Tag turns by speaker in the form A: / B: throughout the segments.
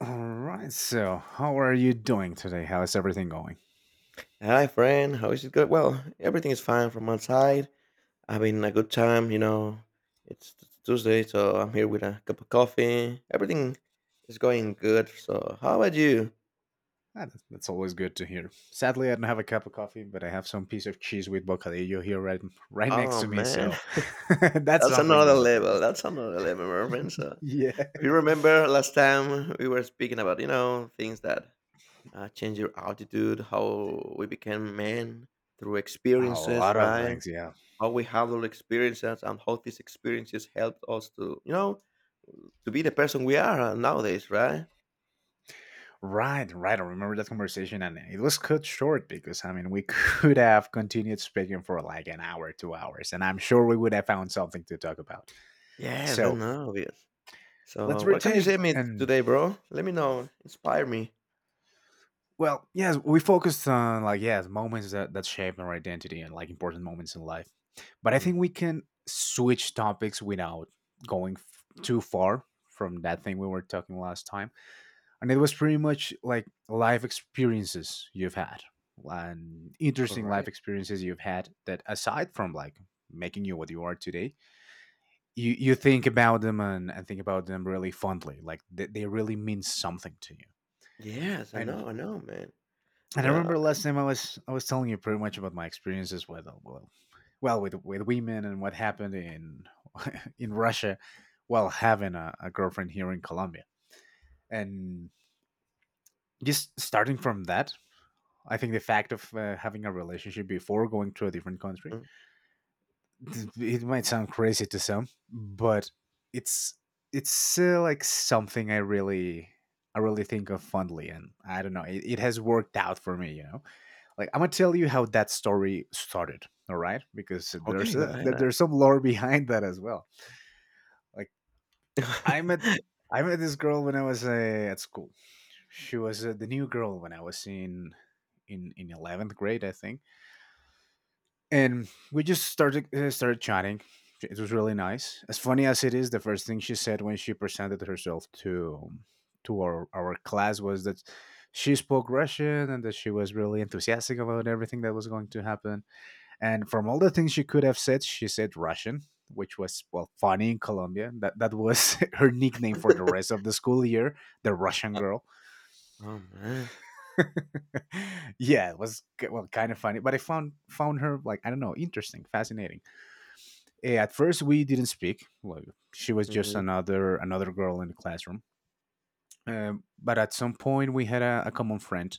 A: All right. So, how are you doing today? How is everything going?
B: Hi, friend. How is it going? Well, everything is fine from my side. Having a good time, Tuesday, so I'm here with a cup of coffee. Everything is going good. So, how about you?
A: Ah, That's always good to hear. Sadly, I don't have a cup of coffee, but I have some piece of cheese with bocadillo here right next
B: Oh
A: to me,
B: man,
A: so that's
B: that's
A: something
B: another
A: good at
B: level.
A: least.
B: That's another level, my friend. So,
A: Yeah.
B: if you remember last time we were speaking about, things that change your attitude, how we became men through
A: A
B: experiences,
A: lot of
B: right?
A: things, yeah.
B: How we handle experiences and how these experiences helped us to, to be the person we are nowadays, right?
A: Right, right. I remember that conversation and it was cut short because I mean, we could have continued speaking for like an hour, 2 hours, and I'm sure we would have found something to talk about.
B: Yes, I
A: So,
B: know. Yes.
A: let's
B: So, what can you
A: retake
B: say me
A: and
B: today, bro? Let me know. Inspire me.
A: well, yes, we focused on like yes, moments that shape our identity and like important moments in life. But I think we
B: hmm
A: can switch topics without too far from that thing we were talking last time. And it was pretty much like life experiences you've had and interesting life
B: Correct.
A: experiences you've had that aside from like making you what you are today, you think about them and think about them really fondly. Like they really mean something to you.
B: Yes, I
A: And
B: know. I know, man.
A: and I
B: Yeah.
A: remember last time I was telling you pretty much about my experiences with well, well with women and what happened in Russia while having a girlfriend here in Colombia. And just starting from that, I think the fact of having a relationship before going to a different country,
B: Mm.
A: it might sound crazy to some, but it's it's like something I really think of fondly, and I don't know, it has worked out for me, you know. Like I'm gonna tell you how that story started, all right, because there's
B: Okay, go ahead.
A: there's some lore behind that as well. Like i met I met this girl when I was at school. She was the new girl when I was in in 11th grade, I think. And we just started chatting. It was really nice. As funny as it is, the first thing she said when she presented herself to our class was that she spoke Russian and that she was really enthusiastic about everything that was going to happen. And from all the things she could have said, she said Russian, which was well funny in Colombia. That was her nickname for the rest of the school year, the Russian girl.
B: Oh man.
A: Yeah, it was well kind of funny, but I found her like I don't know, interesting, fascinating. At first, we didn't speak. Like she was just
B: Mm-hmm.
A: another girl in the classroom. But at some point, we had a common friend.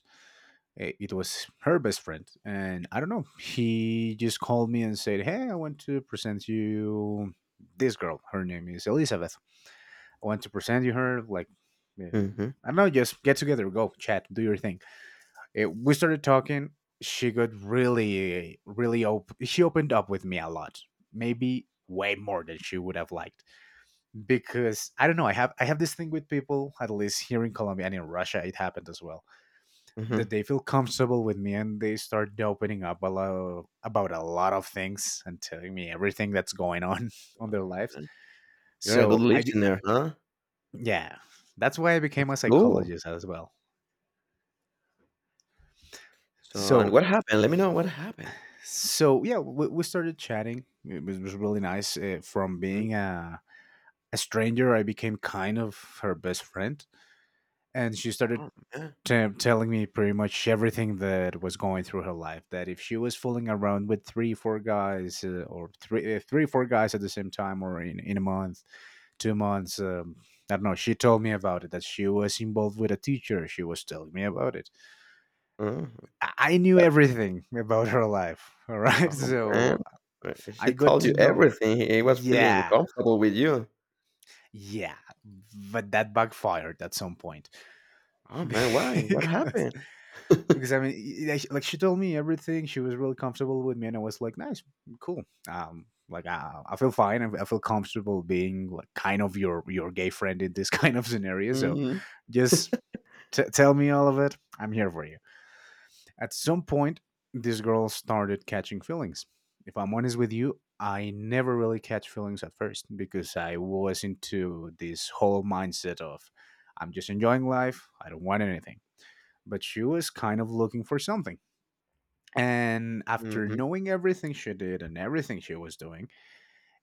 A: It was her best friend and I don't know, he just called me and said, hey, I want to present you this girl. Her name is Elizabeth. I want to present you her, like uh,
B: Mm-hmm.
A: I don't know, just get together, go chat, do your thing. We started talking. She got she opened up with me a lot, maybe way more than she would have liked, because I don't know, I have this thing with people. At least here in Colombia, and in Russia it happened as well,
B: Mm-hmm.
A: that they feel comfortable with me and they start opening up a lot of, about a lot of things and telling me everything that's going on on their lives.
B: You're a good
A: so i be-
B: listener, huh?
A: yeah, that's why I became
B: That's
A: a
B: cool.
A: psychologist as well.
B: So, and
A: so
B: what happened? Let me know what happened.
A: so yeah, we started chatting. Was really nice. Uh, from
B: Mhm.
A: being a stranger, I became kind of her best friend and she started
B: Oh man.
A: telling me pretty much everything that was going through her life. That if she was fooling around with three, four guys, or three, four guys at the same time, or in a month, 2 months, I don't know. She told me about it. That she was involved with a teacher. She was telling me about it.
B: Mhm.
A: I knew
B: That,
A: everything about her life. All right,
B: oh man.
A: so
B: She
A: I got
B: told
A: to
B: you
A: know.
B: everything. He was feeling
A: Yeah,
B: comfortable with you.
A: yeah, but that backfired at some point.
B: Oh, man, why? What
A: because
B: happened?
A: because I mean, she told me everything. She was really comfortable with me, and I was like, nice, cool. Like I feel fine. I feel comfortable being like kind of your gay friend in this kind of scenario. So
B: Mhm,
A: just tell me all of it. I'm here for you. At some point, this girl started catching feelings. If I'm honest with you, I never really catch feelings at first because I was into this whole mindset of I'm just enjoying life. I don't want anything. But she was kind of looking for something, and after
B: mhm.
A: knowing everything she did and everything she was doing,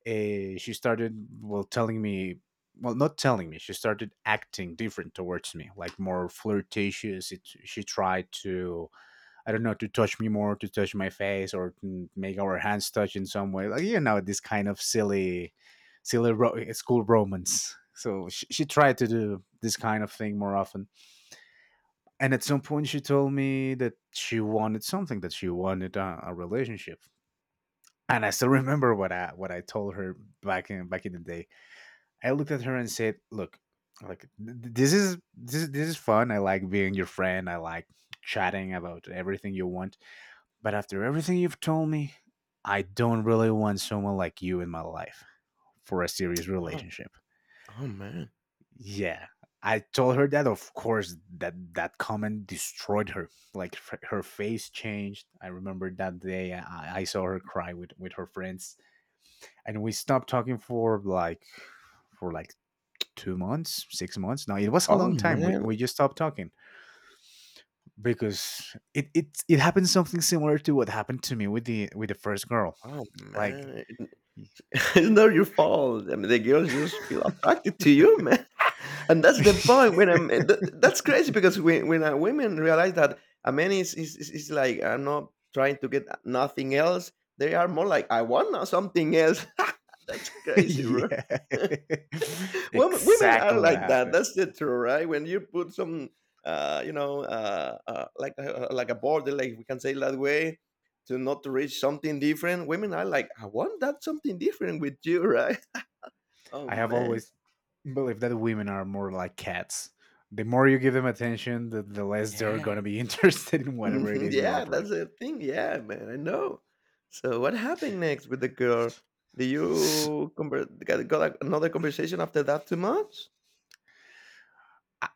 A: she started, well, telling me, well, not telling me, she started acting different towards me, like more flirtatious. It, she tried to, I don't know, to touch me more, to touch my face, or to make our hands touch in some way. Like, you know, this kind of silly school romance. So she tried to do this kind of thing more often, and at some point she told me that she wanted something, that she wanted a relationship. And I still remember what I told her back in back in the day. I looked at her and said, "Look, like this is this is fun. I like being your friend. I like chatting about everything you want. But after everything you've told me, I don't really want someone like you in my life for a serious
B: Oh,
A: relationship."
B: oh, man.
A: Yeah, I told her that. Of course, that comment destroyed her. Like her face changed. I remember that day. I saw her cry with her friends, and we stopped talking for like 2 months, 6 months. No, it was a
B: Oh,
A: long time. We,
B: man.
A: we just stopped talking because it happened something similar to what happened to me with the first girl.
B: Oh,
A: Like
B: man. It it's not your fault. I mean, the girls just feel attracted to you, man, and that's the point when I'm and th that's crazy because women realize that a man is like, "I'm not trying to get nothing else," they are more like, "I want now something else." That's crazy, bro.
A: yeah,
B: Women
A: exactly
B: are
A: what
B: like that.
A: happened.
B: That's the truth, right? When you put some, like a border, like we can say that way, to not to reach something different. Women are like, I want that something different with you, right? Oh
A: I have
B: man.
A: always believed that women are more like cats. The more you give them attention, the less they're gonna
B: Yeah.
A: be interested in whatever it
B: Mhm,
A: is you're
B: yeah,
A: offering.
B: that's the thing. Yeah, man, I know. So what happened next with the girl?
A: S-
B: Got another conversation after that too much?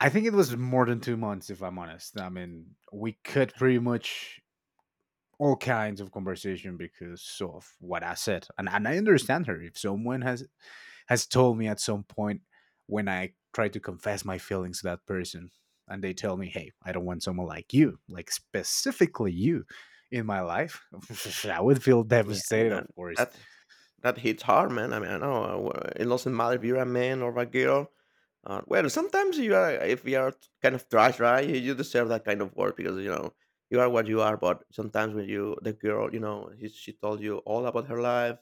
A: I think it was more than 2 months, if I'm honest. I mean, we cut pretty much all kinds of conversation because of what I said, and I understand her. If someone has told me at some point when I try to confess my feelings to that person, and they tell me, "Hey, I don't want someone like you, like specifically you, in my life," I would feel
B: Yeah. And,
A: devastated, of course.
B: that That hits hard, man. I mean, I know it doesn't matter if you're a man or a girl. Well, sometimes you are, if you are kind of trash, right? You deserve that kind of word because you know you are what you are. But sometimes when you, the girl, you know, she told you all about her life,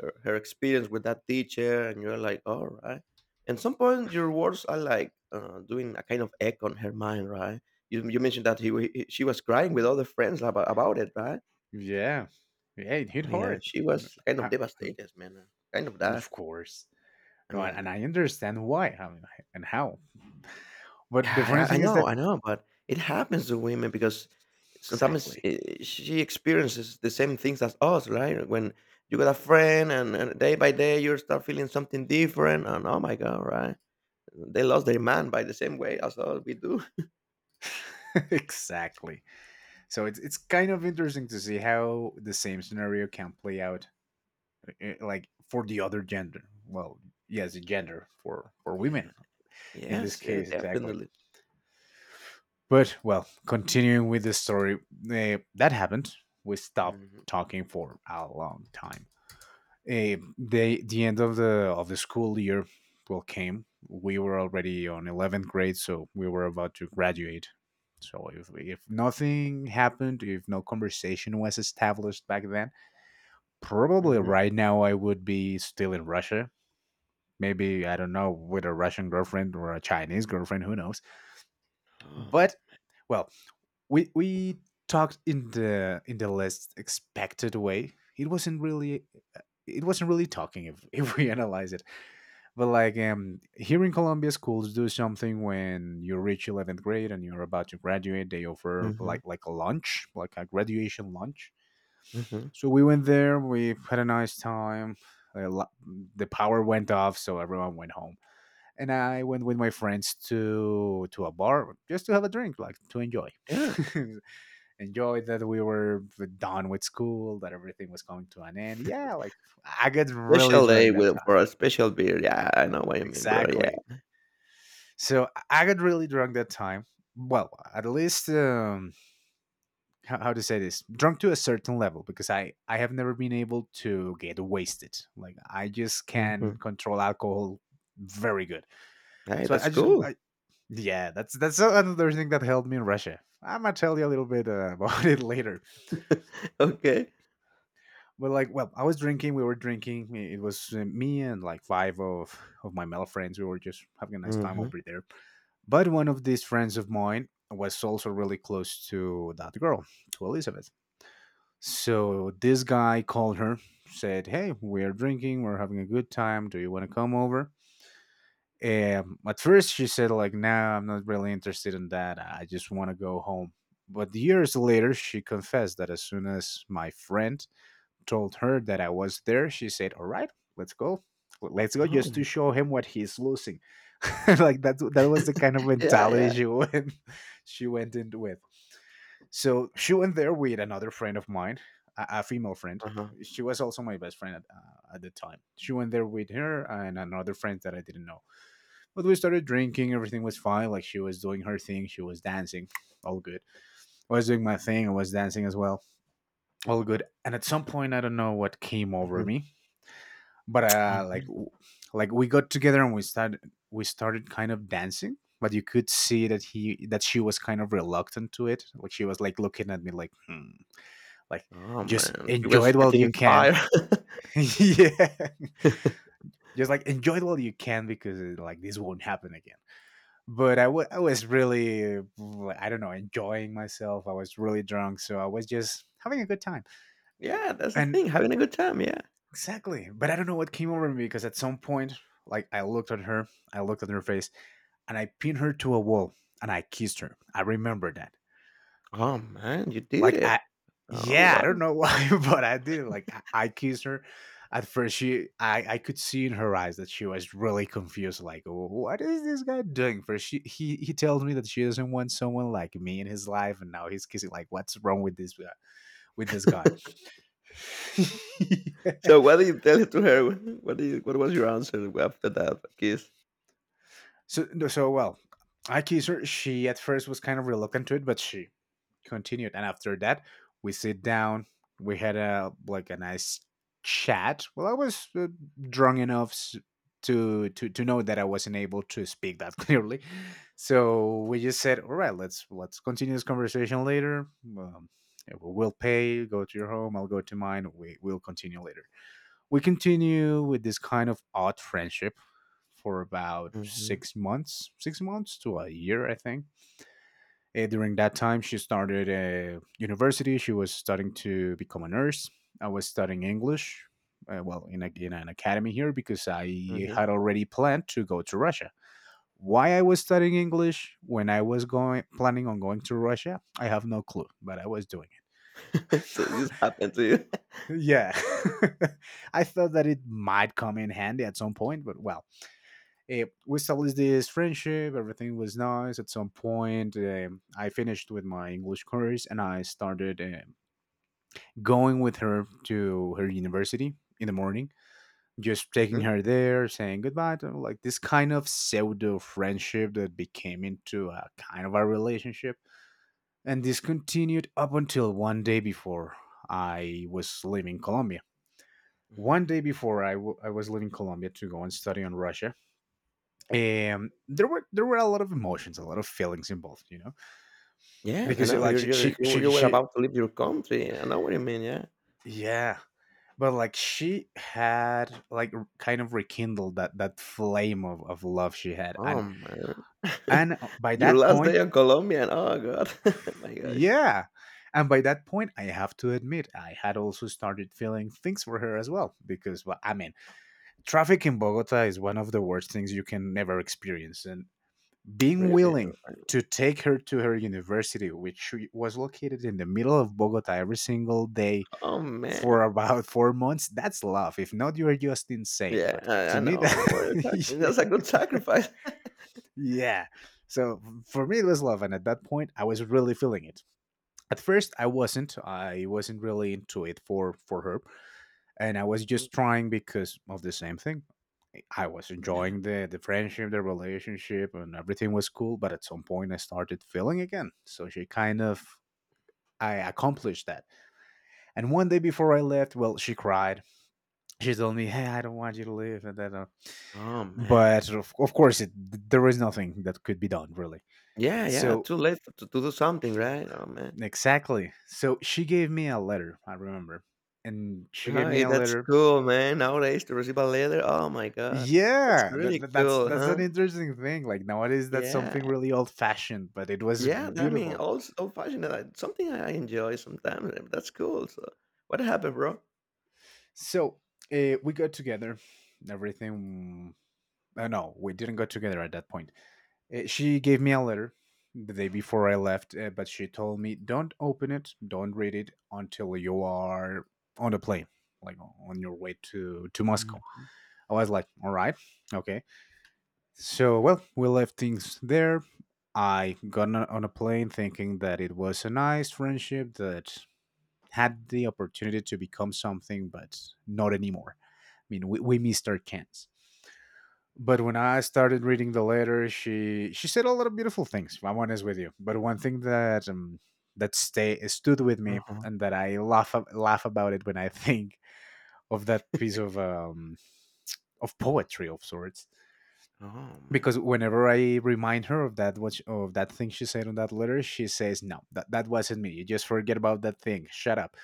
B: her experience with that teacher, and you're like, all right. And some point, your words are like doing a kind of echo on her mind, right? You mentioned that he she was crying with other friends about it, right?
A: Yeah, yeah, it hit
B: Oh yeah,
A: hard.
B: she was kind of
A: I-
B: devastated, man. Kind of that.
A: Of course.
B: I
A: No,
B: mean,
A: and I understand why I mean, and how. But the funny thing is that
B: I know, but it happens to women because sometimes
A: exactly,
B: she experiences the same things as us, right? When you got a friend and day by day you start feeling something different, and oh my god, right? They lost their man by the same way as us we do.
A: exactly. So it's kind of interesting to see how the same scenario can play out, like for the other gender. Well, yes, the gender for women
B: Yeah.
A: in this
B: Yes. Yeah.
A: case, exactly.
B: Definitely.
A: But well, continuing with the story, that happened. We stopped
B: Hmm.
A: talking for a long time. The end of the school year well came. We were already on 11th grade, so we were about to graduate. So if nothing happened, if no conversation was established back then, probably
B: Hmm.
A: right now I would be still in Russia. Maybe I don't know, with a Russian girlfriend or a Chinese girlfriend, who knows?
B: Oh.
A: But well, we talked in the less expected way. Uh, it wasn't really talking if, if we analyze it. But like here in Colombia, schools do something when you reach 11th grade and you're about to graduate. They offer
B: Hmm.
A: like a lunch, like a graduation lunch.
B: Hmm.
A: So we went there. We had a nice time. A lo- The power went off, so everyone went home. And I went with my friends to a bar just to have a drink, like to enjoy,
B: Yeah.
A: enjoy that we were done with school, that everything was coming to an end. Yeah, like I got really
B: Special day
A: drunk that
B: with
A: time.
B: for a special beer. Yeah, I know what you mean, bro.
A: Exactly.
B: Yeah.
A: Got really drunk that time. Well, at least how to say this, drunk to a certain level because I have never been able to get wasted. Like I just
B: Hmm.
A: can control alcohol very good.
B: Hey,
A: So
B: that's cool.
A: yeah, that's another thing that helped me in Russia. I am gonna tell you a little bit about it later.
B: okay.
A: But like, well, I was drinking. We were drinking. It was me and like five of my male friends. We were just having a nice time
B: Hmm.
A: over there. But one of these friends of mine was also really close to that girl, to Elizabeth. So this guy called her, said, "Hey, we're drinking, we're having a good time. Do you want to come over?" At first, she said, like, no, nah, I'm not really interested in that. I just want to go home. But years later, she confessed that as soon as my friend told her that I was there, she said, "All right, let's go, let's go,"
B: Oh,
A: just to show him what he's losing. Like that was the kind of
B: yeah,
A: mentality
B: yeah,
A: she she went in with. So she went there with another friend of mine, a female friend.
B: uh-huh,
A: She was also my best friend at the time. She went there with her and another friend that I didn't know. But we started drinking. Everything was fine. Like she was doing her thing. She was dancing. All good. I was doing my thing. I was dancing as well. All good. And at some point, I don't know what came over
B: mhm,
A: me, but
B: oh, man.
A: like we got together and we started kind of dancing, but you could see that he that she was kind of reluctant to it. Like she was like looking at me like hmm, like
B: Oh,
A: just
B: man, she
A: enjoy
B: was
A: it while
B: catching
A: you
B: in
A: can.
B: fire.
A: Yeah, just like enjoy it while you can, because like this won't happen again. But I was really like, I don't know, enjoying myself. I was really drunk, so I was just having a good time.
B: Yeah, that's the
A: And
B: thing, having a good time, yeah.
A: exactly, but I don't know what came over me, because at some point, like I looked at her, I looked at her face, and I pinned her to a wall and I kissed her. I remember that.
B: Oh, man, you did
A: Like I
B: it. Oh,
A: Yeah, I don't
B: wow.
A: know why, but I did. I kissed her. At first she I could see in her eyes that she was really confused, like, what is this guy doing? First she he tells me that she doesn't want someone like me in his life, and now he's kissing, like what's wrong with this guy?
B: So what did you tell it to her? What did you what was your answer after that kiss?
A: So, no, so well, I accuse her. She at first was kind of reluctant to it, but she continued. And after that, we sit down. We had a like a nice chat. Well, I was drunk enough to know that I wasn't able to speak that clearly. So we just said, "All right, let's continue this conversation later. Um, yeah, we'll pay. Go to your home. I'll go to mine. We'll continue later." We continue with this kind of odd friendship for about
B: Mhm,
A: 6 months, 6 months to a year, I think. During that time, she started a university. She was starting to become a nurse. I was studying English, well, in an academy here because I
B: mhm.
A: had already planned to go to Russia. Why I was studying English when I was going planning on going to Russia, I have no clue, but I was doing it.
B: So this happened to you.
A: Yeah, I thought that it might come in handy at some point, but well, eh, we established this friendship. Everything was nice. At some point, I finished with my English course and I started going with her to her university in the morning, just taking
B: Mhm,
A: her there, saying goodbye. To, like this kind of pseudo friendship that became into a kind of a relationship. And this continued up until one day before I was leaving Colombia.
B: mhm.
A: One day before I was leaving Colombia to go and study in Russia, there were a lot of emotions, a lot of feelings involved, you know.
B: Yes, I
A: Because
B: know,
A: like
B: you were
A: she,
B: about to leave your country, I know what you mean, yeah.
A: yeah, but like she had like kind of rekindled that flame of love she had.
B: Oh,
A: and
B: man.
A: and by
B: Your
A: that
B: last
A: point,
B: day in Colombia, and oh god, my gosh.
A: yeah, and by that point, I have to admit I had also started feeling things for her as well. Because well, I mean, traffic in Bogota is one of the worst things you can never experience, and being
B: Really?
A: willing to take her to her university, which was located in the middle of Bogota every single day
B: Oh, man.
A: for about 4 months, that's love. If not, you're just insane.
B: Yeah,
A: But to me,
B: I know what you're
A: that,
B: talking.
A: yeah,
B: That's like a good sacrifice.
A: yeah. So for me, it was love. And at that point, I was really feeling it. At first, I wasn't. I wasn't really into it for her, and I was
B: Mhm.
A: just trying because of the same thing. I was
B: Yeah.
A: enjoying the friendship, the relationship, and everything was cool. But at some point, I started feeling again. So she kind of, I accomplished that. And one day before I left, well, she cried. She told me, "Hey, I don't want you to leave," and then,
B: Oh, man.
A: but of course, it, there is nothing that could be done really.
B: Yeah, yeah,
A: So
B: too late to do something, right? Oh, man.
A: exactly. So she gave me a letter, I remember, and she gave me
B: Hi,
A: a
B: that's
A: letter.
B: cool, man. Nowadays to receive a letter, oh my god. That's
A: Yeah,
B: really
A: that's
B: cool,
A: an
B: huh?
A: interesting thing. Like nowadays, that's
B: Yeah.
A: something really old fashioned, but it was
B: Yeah, I mean,
A: beautiful.
B: old-fashioned, something I enjoy sometimes, and that's cool, so what happened, bro?
A: So we got together. Everything. No, we didn't go together at that point. She gave me a letter the day before I left, but she told me, don't open it, don't read it until you are on the plane, like on your way to Moscow.
B: Mhm.
A: I was like, all right, okay. So, well, we left things there. I got on a plane thinking that it was a nice friendship that had the opportunity to become something, but not anymore. I mean, we missed our chance. But when I started reading the letter, she said a lot of beautiful things, if I'm honest with you. But one thing that that stay stood with me
B: Uh-huh.
A: and that I laugh laugh about it when I think of that piece of poetry of sorts,
B: Oh,
A: because
B: man.
A: whenever I remind her of that, of that thing she said on that letter, she says, "No, that wasn't me. You just forget about that thing. Shut up."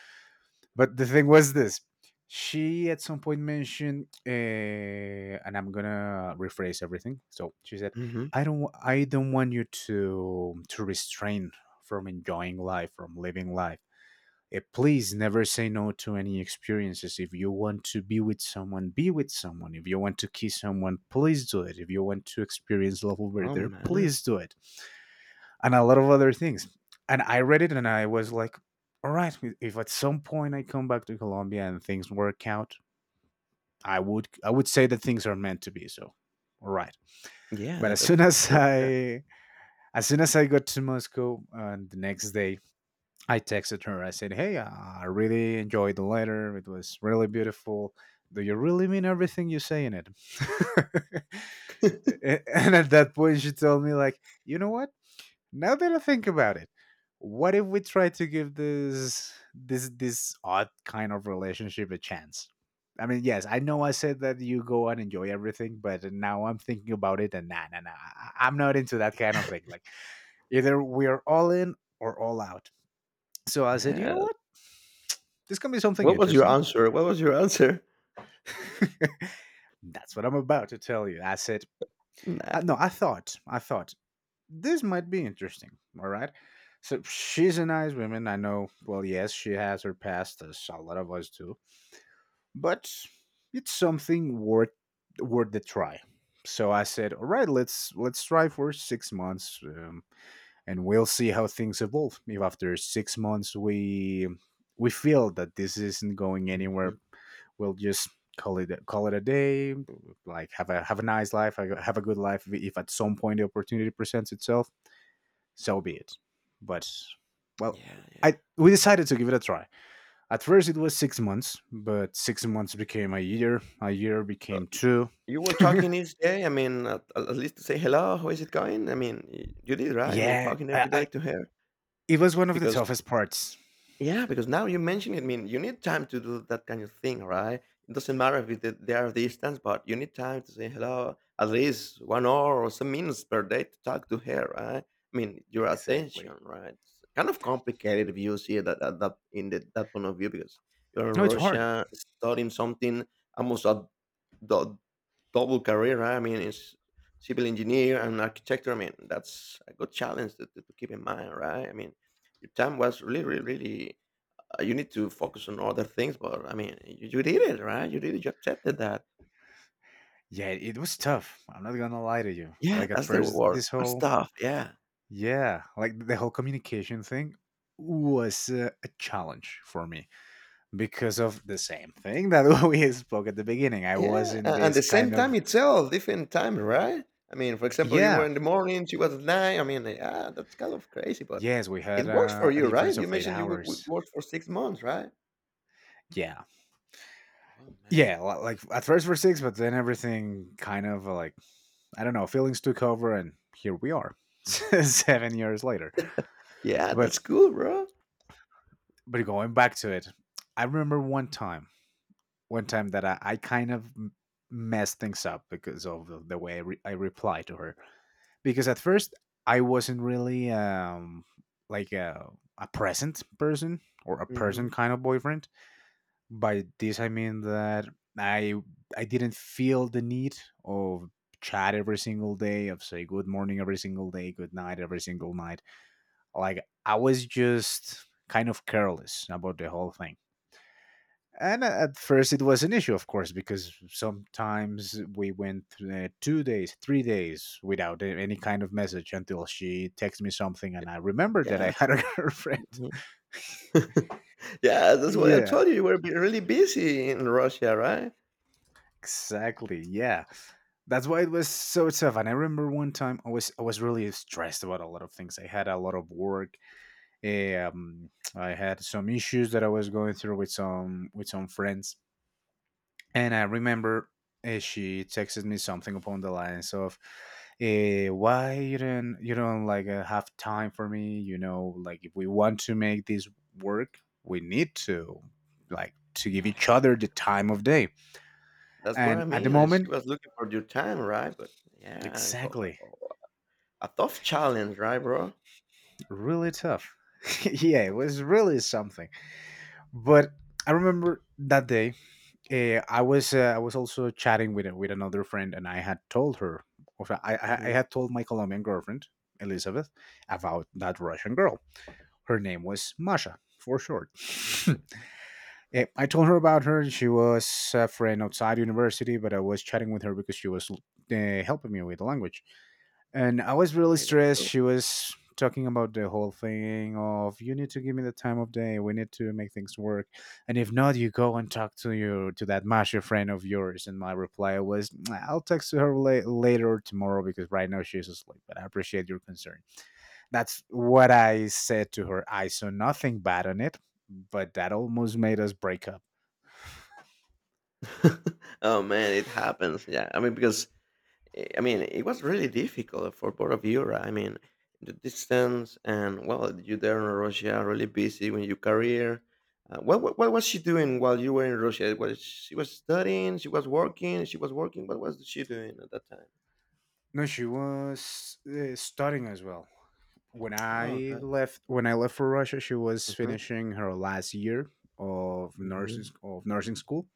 A: But the thing was this: she at some point mentioned, and I'm gonna rephrase everything. So she said,
B: Mhm.
A: I don't want you to restrain from enjoying life, from living life." Eh, please never say no to any experiences. If you want to be with someone, be with someone. If you want to kiss someone, please do it. If you want to experience love over
B: Oh,
A: there,
B: man.
A: please do it. And a lot of other things. And I read it and I was like, all right, if at some point I come back to Colombia and things work out, I would, I would say that things are meant to be. So, all right.
B: Yeah,
A: But
B: that that for sure, yeah.
A: as soon as I got to Moscow, and the next day, I texted her. I said, "Hey, I really enjoyed the letter. It was really beautiful. Do you really mean everything you say in it?" And at that point, she told me, "Like, you know what? Now that I think about it, what if we try to give this odd kind of relationship a chance? I mean, yes, I know I said that you go and enjoy everything, but now I'm thinking about it, and nah, nah, nah, I'm not into that kind of thing. Like, either we are all in or all out." So I said, you
B: Yeah.
A: know what? This can be something
B: What was your
A: interesting.
B: answer? What was your answer?
A: That's what I'm about to tell you. I said, I, no,
B: Nice.
A: I thought this might be interesting. All right. So she's a nice woman, I know. Well, yes, she has her past, as a lot of us do, but it's something worth the try. So I said, all right, let's try for 6 months. And we'll see how things evolve. If after 6 months we feel that this isn't going anywhere,
B: Mhm.
A: we'll just call it a day. Like, have a nice life, have a good life. If at some point the opportunity presents itself, so be it. But well,
B: Yeah, yeah.
A: I we decided to give it a try. At first, it was 6 months, but 6 months became a year. A year
B: So
A: became
B: y
A: two.
B: you were talking each day, I mean, at least to say hello, how is it going? I mean, y you did, right? I mean,
A: Yeah,
B: talking every day
A: I,
B: to her
A: it was one of the
B: because
A: toughest parts.
B: yeah, because now you mention it, I mean, you need time to do that kind of thing, right? It doesn't matter if it, they are distance, but you need time to say hello, at least 1 hour or some minutes per day to talk to her, right? I mean, your attention,
A: Exactly.
B: right? It's kind of complicated if you see it at that that point of view because you're in
A: No, it's hard.
B: Russia studying something almost a dou- double career, right? I mean, it's civil engineer and architecture. I mean, that's a good challenge to, to keep in mind, right? I mean, your time was really you need to focus on other things, but I mean, you did it, right? You did it. You accepted that.
A: Yeah, it was tough. I'm not gonna lie to you.
B: Yeah,
A: Like at
B: that's the
A: first,
B: word.
A: this
B: That's
A: whole,
B: tough. Yeah.
A: yeah, like the whole communication thing was a challenge for me because of the same thing that we spoke at the beginning. I was
B: Yeah.
A: in
B: And
A: this
B: the same
A: kind
B: time
A: of,
B: itself, different time, right? I mean, for example, you were
A: yeah,
B: in the morning, she was at night. I mean, yeah, that's kind of crazy, but
A: yes, we
B: it
A: had
B: worked for
A: a
B: you, right?
A: difference of
B: You
A: eight
B: mentioned you
A: hours.
B: worked for 6 months, right?
A: Yeah,
B: Oh, man.
A: like at first for six, but then everything kind of like I don't know, feelings took over, and here we are, 7 years later.
B: Yeah,
A: But
B: that's cool, bro.
A: but going back to it, I remember one time that I kind of messed things up because of the way I replied to her. Because at first I wasn't really like a present person or a person
B: Hmm.
A: kind of boyfriend. By this I mean that I I didn't feel the need of chat every single day, of say good morning every single day, good night every single night. Like I was just kind of careless about the whole thing and at first, it was an issue, of course, because sometimes we went 2 days, 3 days without any kind of message until she texted me something and I remembered that I
B: Yes.
A: had a girlfriend.
B: Mhm. yeah, that's what I
A: Yeah,
B: told you. You were really busy in Russia, right?
A: exactly. Yeah. That's why it was so tough. And I remember one time I was really stressed about a lot of things. I had a lot of work. eh, Um, I had some issues that I was going through with some friends. And I remember she texted me something upon the lines of, "Why you don't like have time for me? You know, like if we want to make this work, we need to give each
B: Yeah,
A: other the time of day."
B: that's what
A: And
B: I
A: at the
B: mean, and she
A: moment,
B: was looking for your time, right? But yeah, it's a
A: exactly,
B: tough challenge, right, bro?
A: really tough. Yeah, it was really something. But I remember that day I was also chatting with another friend, and I had told her, I
B: Mhm,
A: had told my Colombian girlfriend Elizabeth about that Russian girl. Her name was Masha for short.
B: mhm.
A: Eh, I told her about her. She was a friend outside university, but I was chatting with her because she was helping me with the language, and I was really
B: Hey, that's
A: stressed.
B: cool.
A: She was talking about the whole thing of you need to give me the time of day. We need to make things work, and if not, you go and talk to your to that Masha friend of yours. And my reply was, "Nah, I'll text her later or tomorrow because right now she's asleep. But I appreciate your concern." That's what I said to her. I saw nothing bad on it, but that almost made us break up.
B: Oh, man, it happens, yeah. I mean, because, I mean, it was really difficult for both of you, right? I mean, the distance and, well, you there in Russia, really busy with your career. What was she doing while you were in Russia? Was studying, she was working, she was working. What was she doing at that time?
A: No, she was studying as well. When
B: Oh,
A: I
B: God.
A: left, when I left for Russia, she was
B: Mhm,
A: finishing her last year of
B: mhm,
A: nursing school,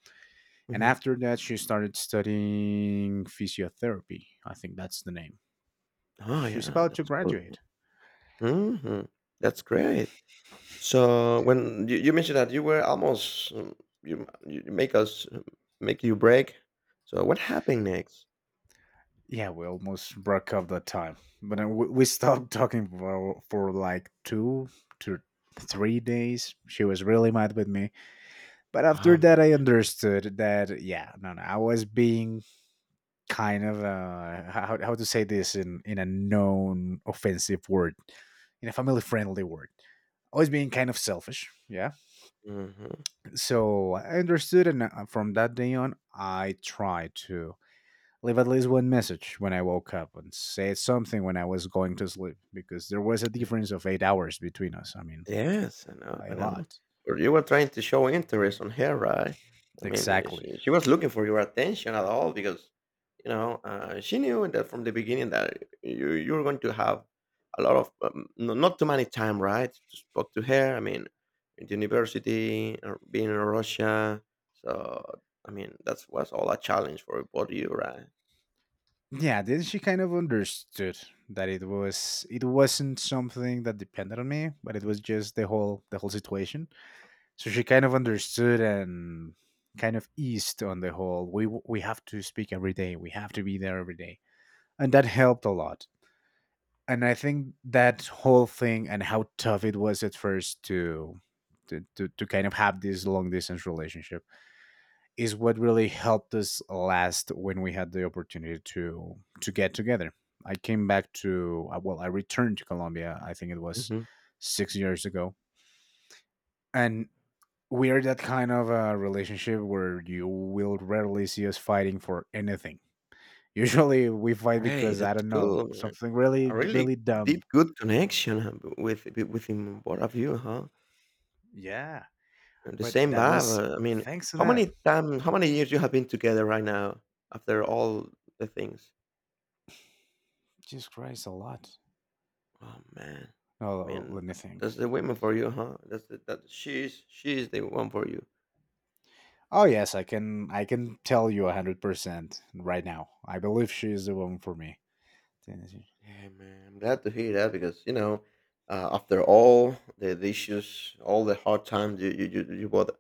A: and
B: mhm.
A: after that, she started studying physiotherapy. I think that's the name.
B: Oh,
A: She's
B: yeah,
A: about to
B: that's cool.
A: graduate.
B: Mhm. That's great. So when you mentioned that you were almost you you you make us make you break. So what happened next?
A: Yeah, we almost broke up that time, but then we stopped talking for like 2 to 3 days. She was really mad with me, but after
B: Oh man.
A: that, I understood that yeah, no, I was being kind of how to say this in a known offensive word, in a family friendly word, always being kind of selfish. Yeah,
B: Hmm.
A: so I understood, and from that day on I tried to leave at least one message when I woke up and say something when I was going to sleep, because there was a difference of 8 hours between us. I mean,
B: Yes, I know, I
A: a
B: know.
A: lot.
B: But you were trying to show interest on her, right? I mean,
A: Exactly.
B: she was looking for your attention at all because, you know, she knew that from the beginning that you were going to have a lot of no, not too many time, right? To speak to her. I mean, in the university, or being in Russia. So I mean, that was all a challenge for both of you, right?
A: Yeah, then she kind of understood that it wasn't something that depended on me, but it was just the whole situation. So she kind of understood, and kind of eased on the whole we have to speak every day, we have to be there every day. And that helped a lot. And I think that whole thing and how tough it was at first to to kind of have this long distance relationship is what really helped us last when we had the opportunity to get together. I came back to well, I returned to Colombia. I think it was
B: Hmm.
A: 6 years ago, and we are that kind of a relationship where you will rarely see us fighting for anything. Usually, we fight
B: Hey,
A: because I
B: that's
A: don't know
B: cool, man.
A: something really,
B: A really
A: really dumb.
B: deep, good connection huh, with him, both of you, huh?
A: Yeah,
B: The
A: but
B: same
A: that
B: vibe,
A: was
B: I mean,
A: thanks to that.
B: how many years you have been together right now after all the things?
A: Jesus Christ, a lot.
B: Oh man. I
A: Oh,
B: mean,
A: let me think.
B: that's the woman for you, huh? That's the, that she's the one for you.
A: Oh yes, I can tell you 100% right now. I believe she is the one for me. Tennessee.
B: Yeah, man. I'm glad to hear that because you know, after all the issues, all the hard times you both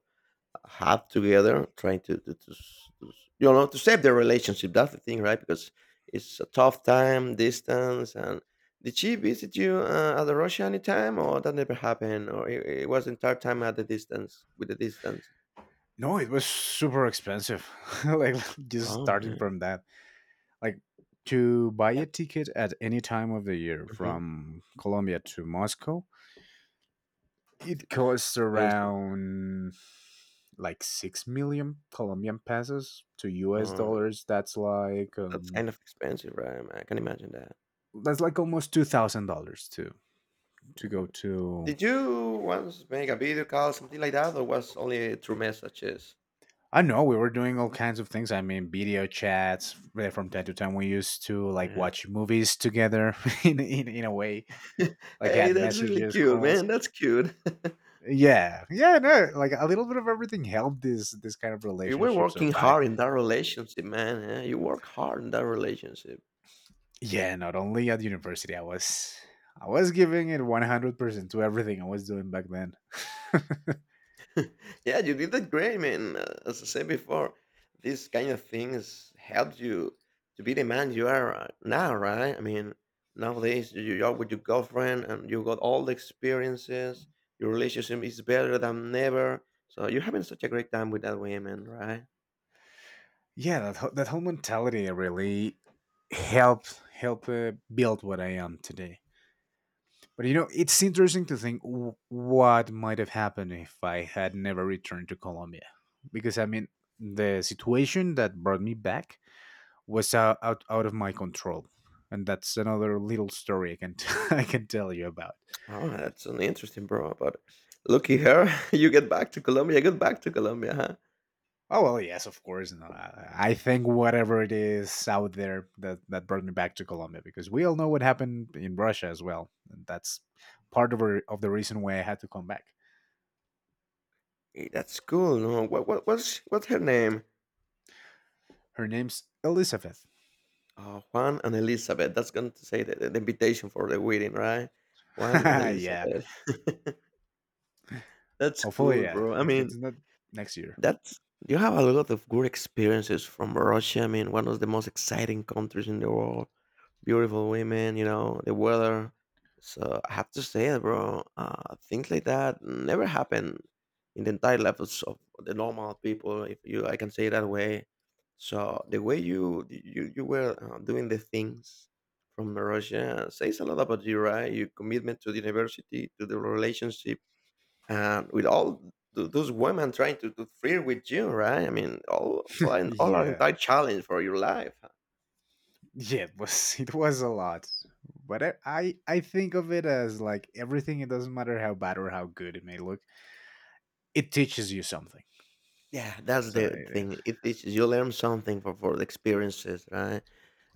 B: have together trying to, s- you know to save their relationship, that's the thing right because it's a tough time distance and did she visit you at the Russia anytime or that never happened or it was entire time at the distance with the distance?
A: No, it was super expensive. Like just
B: Oh
A: starting
B: man.
A: from that. Like to
B: I
A: buy a
B: can.
A: ticket at any time of the year
B: Hmm.
A: from Colombia to Moscow, it
B: It's
A: costs
B: expensive.
A: around like 6 million Colombian pesos to US
B: Uh,
A: dollars.
B: that's kind of expensive right, I can imagine that.
A: That's like almost $2,000 to go
B: Mm.
A: to.
B: Did you once make a video call something like that or was only through messages?
A: I know we were doing all kinds of things. I mean, video chats from time to time. We used to like
B: Yeah.
A: watch movies together in, in a way, like
B: Hey,
A: had
B: that's really
A: messages,
B: cute,
A: calls.
B: man. That's cute.
A: Yeah, yeah, no, like a little bit of everything helped this kind of
B: you were
A: relationship
B: working
A: survive.
B: hard in that relationship, man. Yeah, you work hard in that relationship.
A: Yeah, not only at university, I was giving it 100% to everything I was doing back then.
B: yeah, you did that great, man. As I said before, these kind of things helped you to be the man you are now, right? I mean, nowadays you are with your girlfriend and you got all the experiences. Your relationship is better than ever. So you're having such a great time with that woman, right?
A: Yeah, that whole mentality really help build what I am today. But you know, it's interesting to think what might have happened if I had never returned to Colombia. Because I mean, the situation that brought me back was out of my control. And that's another little story I can I can tell you about.
B: Oh, that's really interesting, bro. But lucky her, you get back to Colombia. Get back to Colombia, huh?
A: Oh well, yes, of course. No, I think whatever it is out there that brought me back to Colombia, because we all know what happened in Russia as well, and that's part of, of the reason why I had to come back.
B: That's cool. No, what's her name?
A: Her name's Elizabeth.
B: Oh, Juan and Elizabeth. That's going to say the invitation for the wedding, right? Juan and
A: Yeah,
B: Elizabeth. that's
A: hopefully,
B: cool,
A: yeah.
B: bro. I
A: If
B: mean,
A: it's not next year,
B: that's you have a lot of good experiences from Russia. I mean, one of the most exciting countries in the world. Beautiful women, you know, the weather. So I have to say, it, bro, things like that never happen in the entire levels of the normal people. If you, I can say it that way. So the way you were doing the things from Russia says a lot about you, right? Your commitment to the university, to the relationship and with all those women trying to flirt with you, right? I mean, all an
A: yeah,
B: entire challenge for your life.
A: yeah. It was it was a lot, but I think of it as like everything. It doesn't matter how bad or how good it may look. It teaches you something.
B: Yeah, that's
A: So
B: the thing. It teaches you learn something for the experiences, right?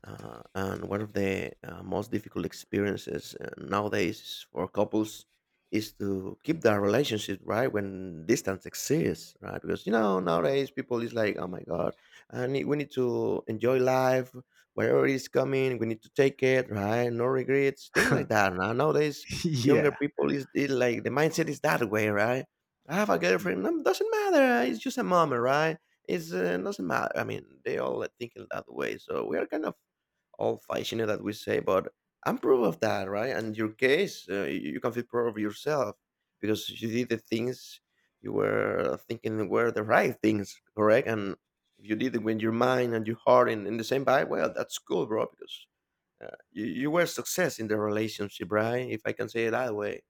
B: And one of the most difficult experiences nowadays for couples is to keep their relationship right when distance exists, right? Because you know nowadays people is like, oh my god, I need, we need to enjoy life, whatever is coming, we need to take it, right? No regrets, things
A: yeah.
B: like that. Now nowadays younger
A: Yeah.
B: people is like the mindset is that way, right? I have a girlfriend, no, doesn't matter, it's just a moment, right? It's doesn't matter. I mean, they all are thinking that way, so we are kind of all fascinated that we say, but I'm proof of that, right? And your case, you can feel proud of yourself because you did the things you were thinking were the right things, correct? And if you did it with your mind and your heart in the same vibe, well, that's cool, bro, because you, you were success in the relationship, right? If I can say it that way.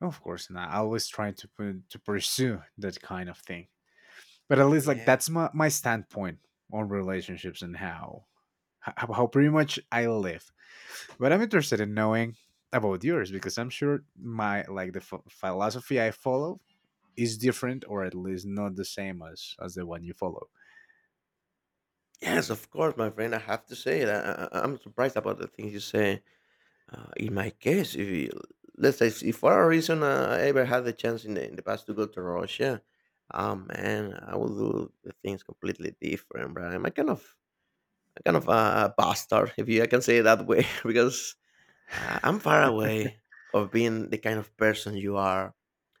A: Of course, and I always try to to pursue that kind of thing. But at least, like
B: Yeah.
A: that's my standpoint on relationships and how how pretty much I live. But I'm interested in knowing about yours because I'm sure my like the philosophy I follow is different or at least not the same as the one you follow.
B: Yes, of course, my friend. I have to say that I, I'm surprised about the things you say. In my case, if, you- let's say, if for a reason I ever had the chance in the past to go to Russia, man, I would do the things completely different, bro. I'm a kind of a kind of a bastard, if you I can say it that way, because I'm far away of being the kind of person you are.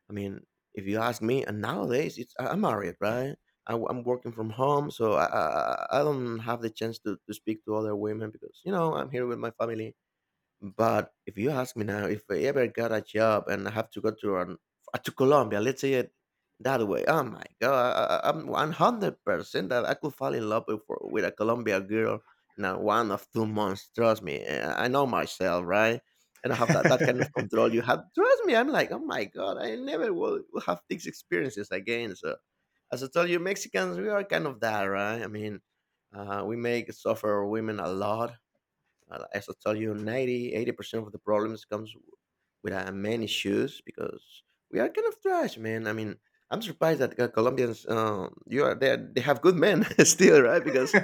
B: I mean, if you ask me, and nowadays it's I'm married, right? I, am working from home, so I, I don't have the chance to speak to other women because you know I'm here with my family but if you ask me now, if I ever got a job and I have to go to an, to Colombia, let's say it that way, oh my god, I, I'm 100% that I could fall in love with a Colombia girl in a one of 2 months. Trust me, I know myself, right? And I don't have that, that kind of control you have. Trust me, I'm like, oh my god, I never will, will have these experiences again. So, as I told you, Mexicans, we are kind of that, right? I mean, we make suffer women a lot as I told you, 90 80% of the problems comes with men issues because we are kind of trash, man. I mean, I'm surprised that Colombians, you are they have good men still, right? Because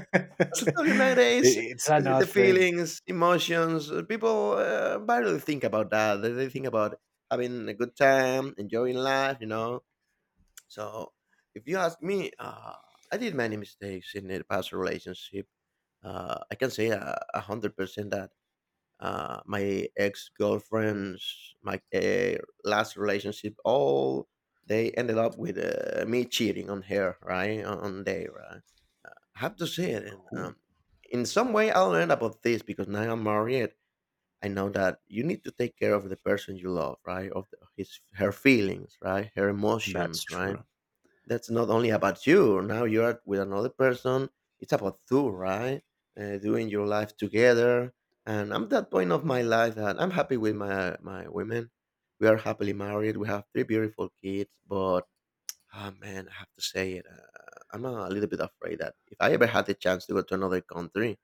B: as I told you, nowadays,
A: It's an
B: the
A: odd thing.
B: feelings, emotions, people barely think about that. They think about having a good time, enjoying life, you know. So if you ask me, I did many mistakes in the past relationship. I can say 100% that my ex girlfriends, my last relationship, all they ended up with me cheating on her, right? On they, right? I have to say it. And, in some way, I learned about this because now I'm married. I know that you need to take care of the person you love, right? Of the, his, her feelings, right? Her
A: That's
B: emotions, right?
A: true.
B: That's not only about you. Now you are with another person. It's about two, right? Doing your life together. And I'm at that point of my life that I'm happy with my women. We are happily married. We have three beautiful kids. But ah, man, I have to say it. I'm a little bit afraid that if I ever had the chance to go to another country,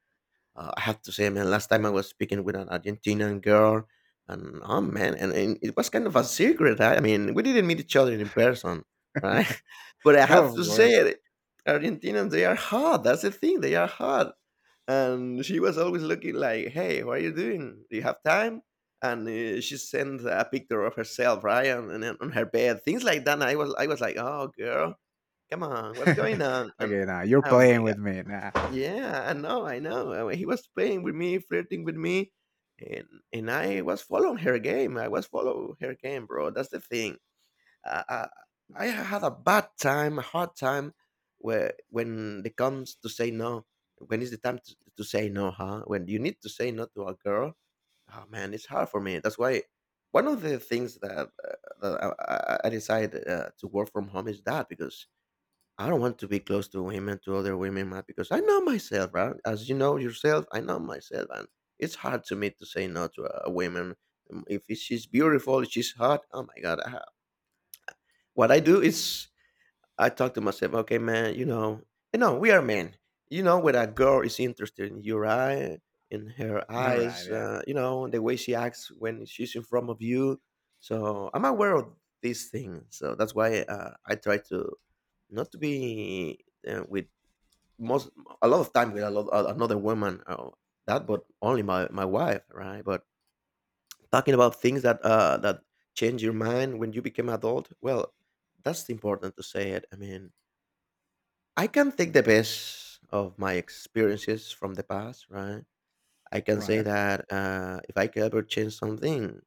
B: I have to say, man, last time I was speaking with an Argentinian girl, and oh man, and it was kind of a secret. Right? I mean, we didn't meet each other in person, right? But I
A: No,
B: have
A: of
B: to say
A: course.
B: it, Argentinians, they are hot. That's the thing, they are hot. And she was always looking like, "Hey, what are you doing? Do you have time?" And she sent a picture of herself, right, and on her bed, things like that. And I was like, "Oh, girl, come on, what's going on?" And
A: Okay, now you're
B: oh
A: playing
B: my
A: with me. Nah.
B: yeah, I know, I know. I mean, he was playing with me, flirting with me, and and I was following her game. I was following her game, bro. That's the thing. Uh, I I had a bad time, a hard time, where when it comes to say no. When is the time to say no, huh? When you need to say no to a girl, oh man, it's hard for me. That's why one of the things that that I, I decided to work from home is that because I don't want to be close to women, to other women, man, because I know myself, right? As you know yourself, I know myself, and it's hard to me to say no to a woman. If she's beautiful, she's hot. Oh my god! What I do is I talk to myself. Okay, man, you know, we are men. You know, when a girl is interested in your eye, in her
A: All right.
B: eyes,
A: Yeah.
B: you know, the way she acts when she's in front of you. So I'm aware of these things. So that's why I try to not to be with most a lot of time with a lot, another woman that but only my wife right but talking about things that that change your mind when you became adult well that's important to say it I mean I can take the best of my experiences from the past right I can say
A: Right.
B: that if I could ever change something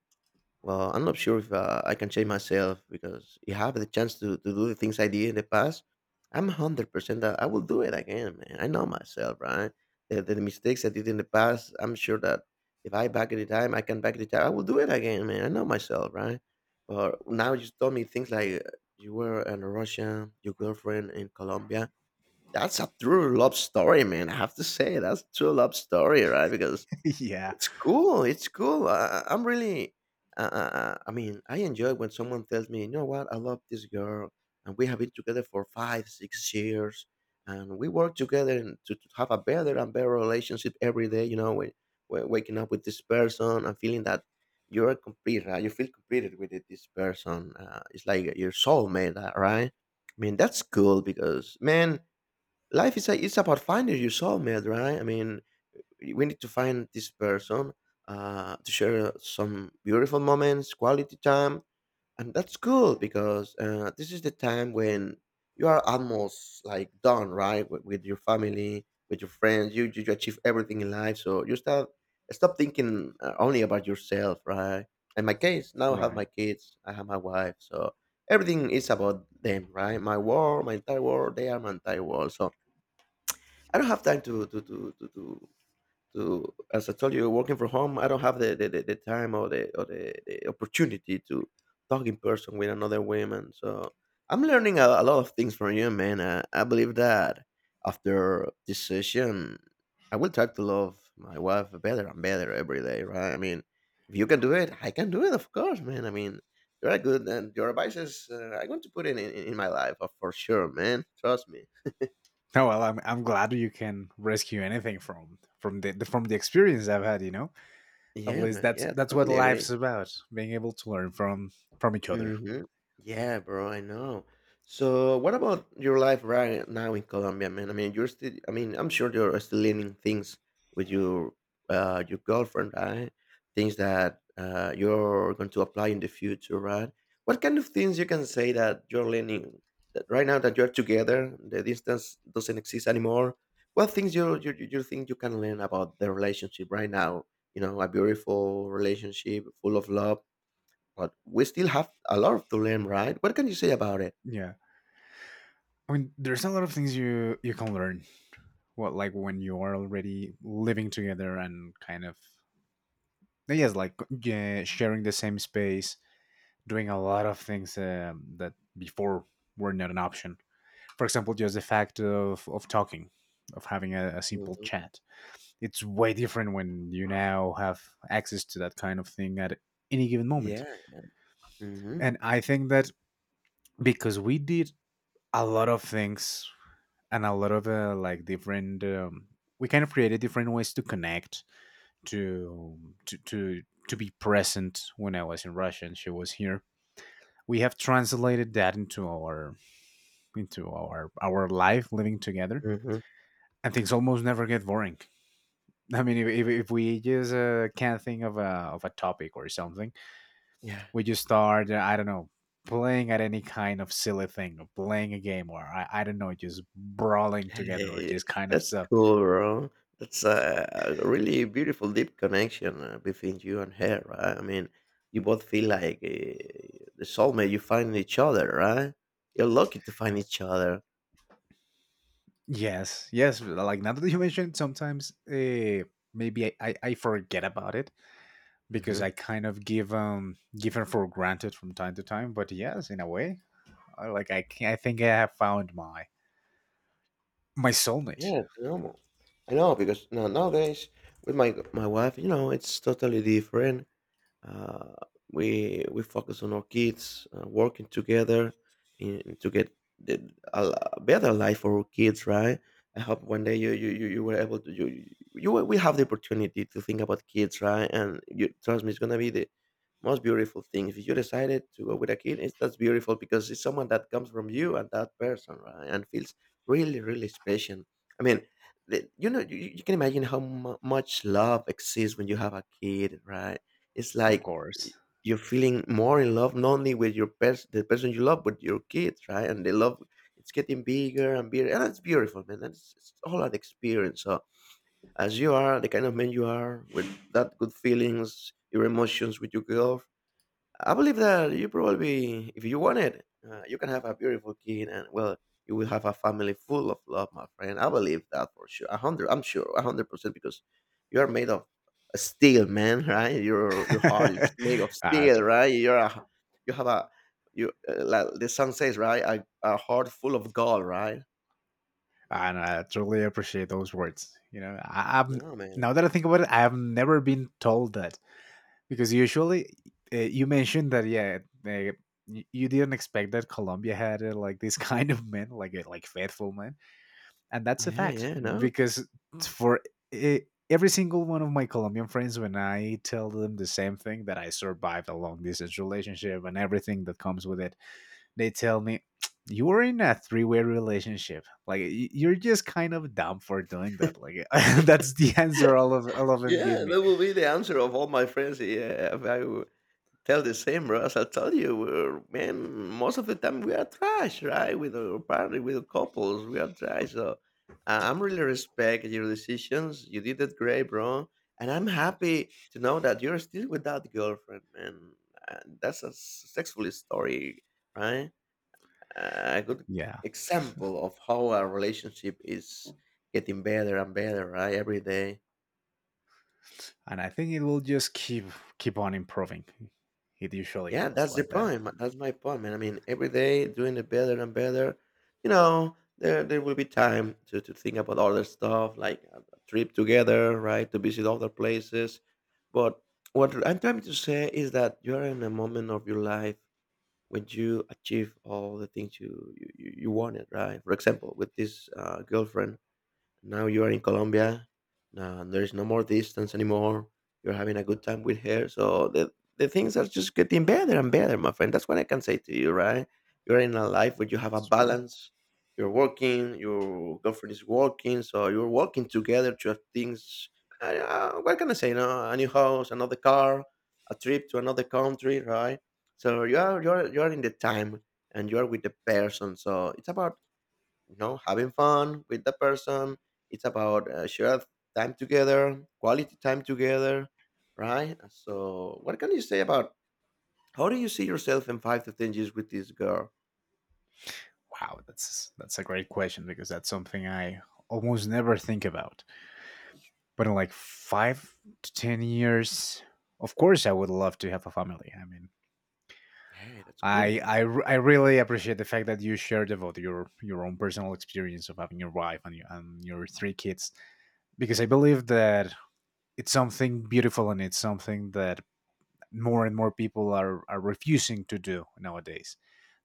B: well, I'm not sure if I can change myself because you have the chance to do the things I did in the past. I'm 100% that I will do it again, man. I know myself, right? The mistakes I did in the past, I'm sure that if I back in the time, I can back in the time. I will do it again, man. I know myself, right? But now you told me things like you were in Russia, your girlfriend in Colombia. That's a true love story, man. I have to say, that's a true love story, right? Because
A: Yeah.
B: it's cool. It's cool. I'm really. I mean, I enjoy when someone tells me, "You know what? I love this girl, and we have been together for five, 6 years, and we work together and to have a better and better relationship every day." You know, when waking up with this person and feeling that you're complete, right? You feel completed with it, this person. It's like your soulmate, right? I mean, that's cool because man, life is a, it's about finding your soulmate, right? I mean, we need to find this person to share some beautiful moments, quality time, and that's cool because this is the time when you are almost like done, right, with your family, with your friends. You, you achieve everything in life, so you start stop thinking only about yourself, right? In my case, now I have
A: Right.
B: my kids, I have my wife, so everything is about them, right? My world, my entire world, they are my entire world. So I don't have time to as I told you, working from home, I don't have the time or the opportunity to talk in person with another woman. So I'm learning a lot of things from you, man. I believe that after this session, I will try to love my wife better and better every day, right? I mean, if you can do it, I can do it, of course, man. I mean, you're a good and your advice is I'm going to put it in, in my life for sure, man. Trust me.
A: No, well, I'm glad you can rescue anything from from the experience I've had. You know. At
B: Yeah,
A: least
B: man.
A: that's
B: Yeah,
A: what
B: totally agree.
A: life's about: being able to learn from each other.
B: Mhm. Yeah, bro, I know. So, what about your life right now in Colombia, man? I mean, I'm sure you're still learning things with your girlfriend, right? Things that you're going to apply in the future, right? What kind of things you can say that you're learning that right now that you're together, the distance doesn't exist anymore. What things you think you can learn about the relationship right now? You know, a beautiful relationship full of love, but we still have a lot to learn, right? What can you say about it?
A: Yeah. I mean, there's a lot of things you can learn. What like when you are already living together and kind of yes, like yeah, sharing the same space, doing a lot of things that before were not an option. For example, just the fact of talking, of having a simple
B: Mhm.
A: chat. It's way different when you now have access to that kind of thing at any given moment.
B: Yeah. Mhm.
A: And I think that because we did a lot of things and a lot of like different we kind of created different ways to connect to to to to be present when I was in Russia and she was here. We have translated that into our life living together,
B: Mhm.
A: and things almost never get boring. I mean, if we just can't think of a topic or something,
B: Yeah.
A: would you start? Uh, I don't know, playing at any kind of silly thing, or playing a game, or I don't know, just brawling together, or
B: Hey,
A: this kind of
B: that's
A: stuff.
B: cool, bro. That's a really beautiful, deep connection between you and her, right? I mean, you both feel like the soulmate you find each other, right? You're lucky to find each other.
A: Yes, yes. Like now that you mentioned, sometimes maybe I forget about it because
B: Hmm.
A: I kind of give given for granted from time to time. But yes, in a way, like I think I have found my soulmate.
B: Yeah, it's normal. I know because now nowadays with my wife, you know, it's totally different. Uh, we focus on our kids, working together in, to get the, a, l- better life for our kids, right? I hope 1 day you were able to you will have the opportunity to think about kids, right? And you trust me, it's gonna be the most beautiful thing. If you decided to go with a kid, it's that's beautiful because it's someone that comes from you and that person, right? And feels really really special. I mean, you know, you can imagine how mu much love exists when you have a kid, right? It's
A: Of
B: like y-
A: course.
B: you're feeling more in love not only with the person you love, but your kids, right? And the love, it's getting bigger and bigger, and that's beautiful, man. That's it's all an experience. So as you are, the kind of man you are, with that good feelings, your emotions with your girl, I believe that you probably, if you want it, you can have a beautiful kid, and well, you will have a family full of love, my friend. I believe that for sure. I'm sure, 100%, because you are made of steel, man. Right? Your heart is made of
A: Uh,
B: steel, right? You're a, you have a, you like the song says, right? A a heart full of gold, right?
A: and I truly appreciate those words. You know, I've
B: No, man.
A: now that I think about it, I have never been told that because usually you mentioned that yeah, uh, you didn't expect that Colombia had like this kind of men, like like faithful men, and that's a
B: Yeah,
A: fact
B: yeah, no.
A: because for uh, every single one of my Colombian friends, when I tell them the same thing that I survived a long distance relationship and everything that comes with it, they tell me you were in a three-way relationship like you're just kind of dumb for doing that like that's the answer all of them give
B: Yeah,
A: me.
B: that will be the answer of all my friends. Yeah, if I, w- Tell the same, Ross. I tell you, most of the time we are trash, right? With our partner, with our couples, we are trash. So I'm really respect your decisions. You did it great, bro. And I'm happy to know that you're still without girlfriend, man. That's a successful story, right? A good
A: Yeah,
B: example of how our relationship is getting better and better, right? Every day.
A: and I think it will just keep on improving. It usually
B: Yeah,
A: goes
B: that's the
A: like that.
B: point. That's my point, man. I mean, every day doing it better and better. You know, there will be time to think about other stuff, like a trip together, right? To visit other places. But what I'm trying to say is that you're in a moment of your life when you achieve all the things you wanted, right? For example, with this girlfriend, now you are in Colombia. Now there's no more distance anymore. You're having a good time with her. So the things are just getting better and better, my friend. That's what I can say to you, right? You're in a life where you have a
A: That's true.
B: balance. You're working, your girlfriend is working, so you're working together to have things. What can I say? No, a new house, another car, a trip to another country, right? So you are you're in the time and you're with the person. So it's about, you know, having fun with the person. It's about shared time together, quality time together, right? So what can you say about how do you see yourself in 5 to 10 years with this girl?
A: Wow, that's a great question because that's something I almost never think about. But in like 5 to 10 years, of course I would love to have a family. I mean,
B: Hey, that's cool, bro.
A: I really appreciate the fact that you shared about your own personal experience of having your wife and your three kids, because I believe that it's something beautiful and it's something that more and more people are refusing to do nowadays.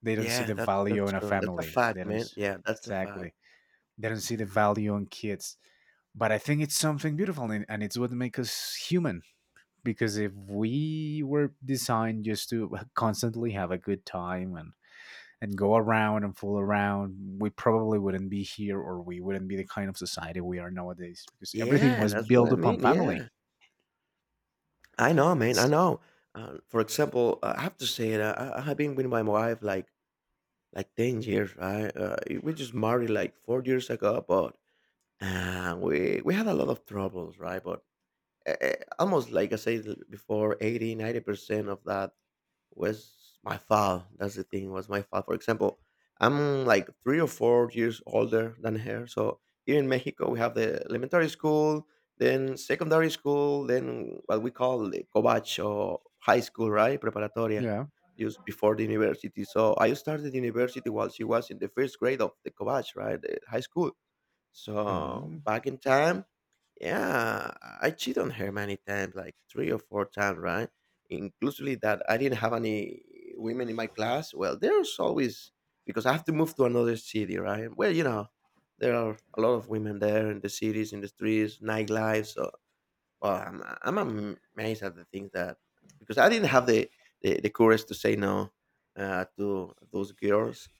A: They don't see
B: Yeah,
A: the value
B: that's
A: in a
B: true, that's a
A: family. They
B: fact,
A: don't
B: man. Yeah, that's a fact.
A: exactly. They don't see the
B: Mhm.
A: value in kids. But I think it's something beautiful, and it's what makes us human, because if we were designed just to constantly have a good time and go around and fool around, we probably wouldn't be here or we wouldn't be the kind of society we are nowadays because everything
B: Yeah,
A: was
B: that's what
A: built
B: I
A: upon
B: mean.
A: family.
B: Yeah, I know, man, I know. For example, I have to say that I have been with my wife like 10 years, right. We just married like 4 years ago. But we had a lot of troubles, right? But almost like I said before, 80, 90% of that was my fault. That's the thing, was my fault. For example, I'm like 3 or 4 years older than her. So here in Mexico, we have the elementary school, then secondary school, then what we call the covach or high school, right? Preparatoria,
A: Yeah.
B: just before the university. So I started university while she was in the first grade of the covach, right? The high school. So
A: Mhm.
B: back in time, yeah, I cheated on her many times, like three or four times, right? Inclusively that I didn't have any women in my class. Well, there's always because I have to move to another city, right? Well, you know, there are a lot of women there in the cities, in the streets, nightlife. So, well, I'm I'm amazed at the things that because I didn't have the the courage to say no to those girls.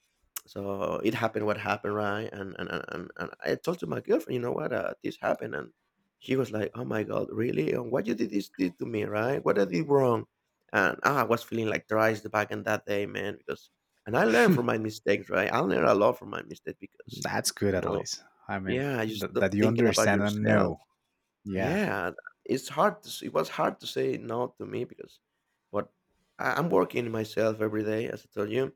B: So it happened what happened, right? And I told to my girlfriend, you know what, this happened, and she was like, "Oh my god, really? And what you did this did to me, right? What I did wrong?" And ah, I was feeling like thrice back in that day, man, because and I learned from my mistakes, right? I learned a lot from my mistake because,
A: That's good,
B: you
A: at
B: know,
A: least. I mean,
B: yeah, you stop
A: that you
B: thinking about
A: understand and
B: yourself.
A: know. Yeah,
B: Yeah, It was hard to say no to me, because, but I'm working myself every day, as I told you,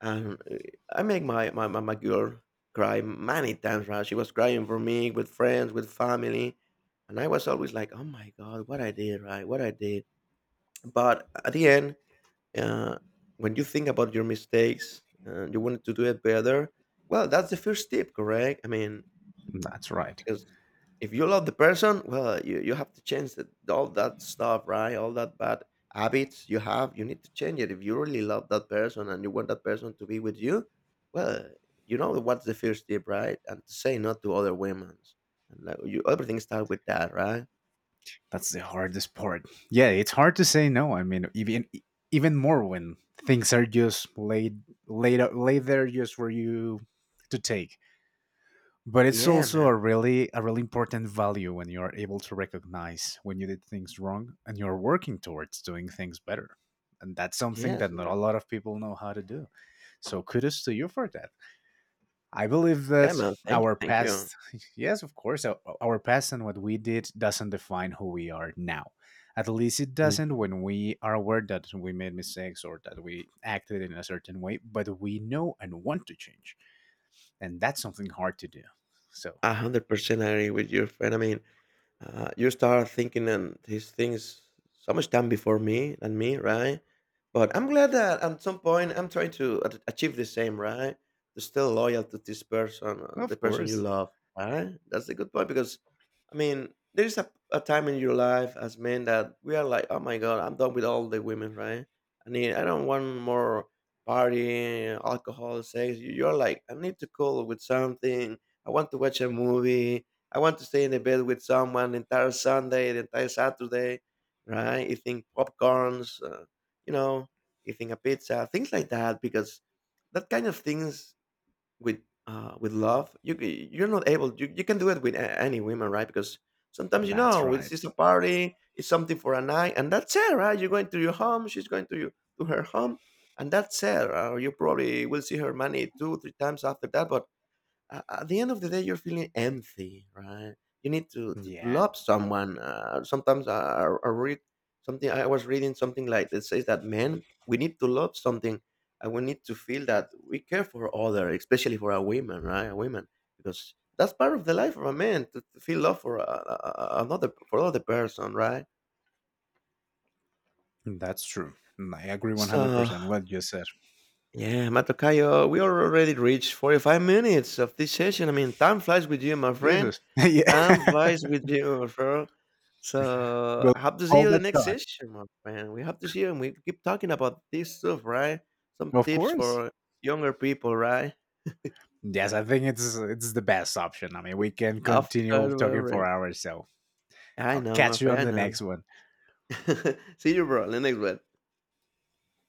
B: and I make my girl cry many times, right? She was crying for me with friends, with family. And I was always like, oh my God, what I did, right? What I did. But at the end, uh, when you think about your mistakes, you wanted to do it better. Well, that's the first tip, correct? I mean,
A: that's right.
B: because if you love the person, well, you have to change all that stuff, right? All that bad habits you have, you need to change it. If you really love that person and you want that person to be with you, well, you know what's the first tip, right? And to say no to other women. And like, everything starts with that, right?
A: That's the hardest part. Yeah, it's hard to say no. I mean, even more when things are just laid there just for you to take. But it's
B: Yeah,
A: also
B: man.
A: a really important value when you are able to recognize when you did things wrong and you're working towards doing things better, and that's something that
B: Yes.
A: not a lot of people know how to do, so kudos to you for that. I believe
B: Yeah,
A: that
B: man. Thank,
A: our
B: thank you.
A: past yes, of course, our past and what we did doesn't define who we are now, at least it
B: Mm.
A: doesn't when we are aware that we made mistakes or that we acted in a certain way but we know and want to change, and that's something hard to do. So
B: 100% agree with your friend. I mean, you start thinking and these things so much time before me than me, right? But I'm glad that at some point I'm trying to achieve the same, right? To still loyal to this person, the
A: of
B: person you
A: course.
B: love, right? That's a good point because, I mean, there is a time in your life as men that we are like, oh my god, I'm done with all the women, right? I don't want more party, alcohol, sex. You're like, I need to cool with something. I want to watch a movie. I want to stay in the bed with someone the entire Sunday, the entire Saturday, right? Eating popcorns, you know, eating a pizza, things like that, because that kind of things with with love, you're not able. You can do it with any women, right? Because sometimes you
A: That's
B: know
A: right.
B: it's a party, it's something for a night, and that's it, right? You're going to your home, she's going to you to her home, and that's it. Or you probably will see her money two, three times after that, but a- at the end of the day, you're feeling empty, right? You need to to
A: Yeah,
B: love someone. I read something, I was reading something like that says that men, we need to love something and we need to feel that we care for other, especially for our women, right? Women, because that's part of the life of a man to feel love for another, for other person, right?
A: that's true. Mm, I agree
B: So
A: 100% what you said.
B: yeah, Matokayo, we are already reached 45 minutes of this session. I mean, time flies with you, my friend.
A: Jesus.
B: Time flies
A: Yeah.
B: with you, bro. So
A: But
B: I hope to see you
A: hold
B: in the
A: that
B: next
A: thought.
B: session, my friend. We hope to see you and we keep talking about this stuff, right? Some
A: Of
B: tips
A: course.
B: for younger people, right?
A: Yes, I think it's the best option. I mean, we can
B: Of
A: continue
B: course, my
A: talking for
B: friend.
A: hours, so
B: I
A: I'll
B: know, my
A: catch you on the
B: friend, I
A: next one.
B: know. see you, bro. In the next one.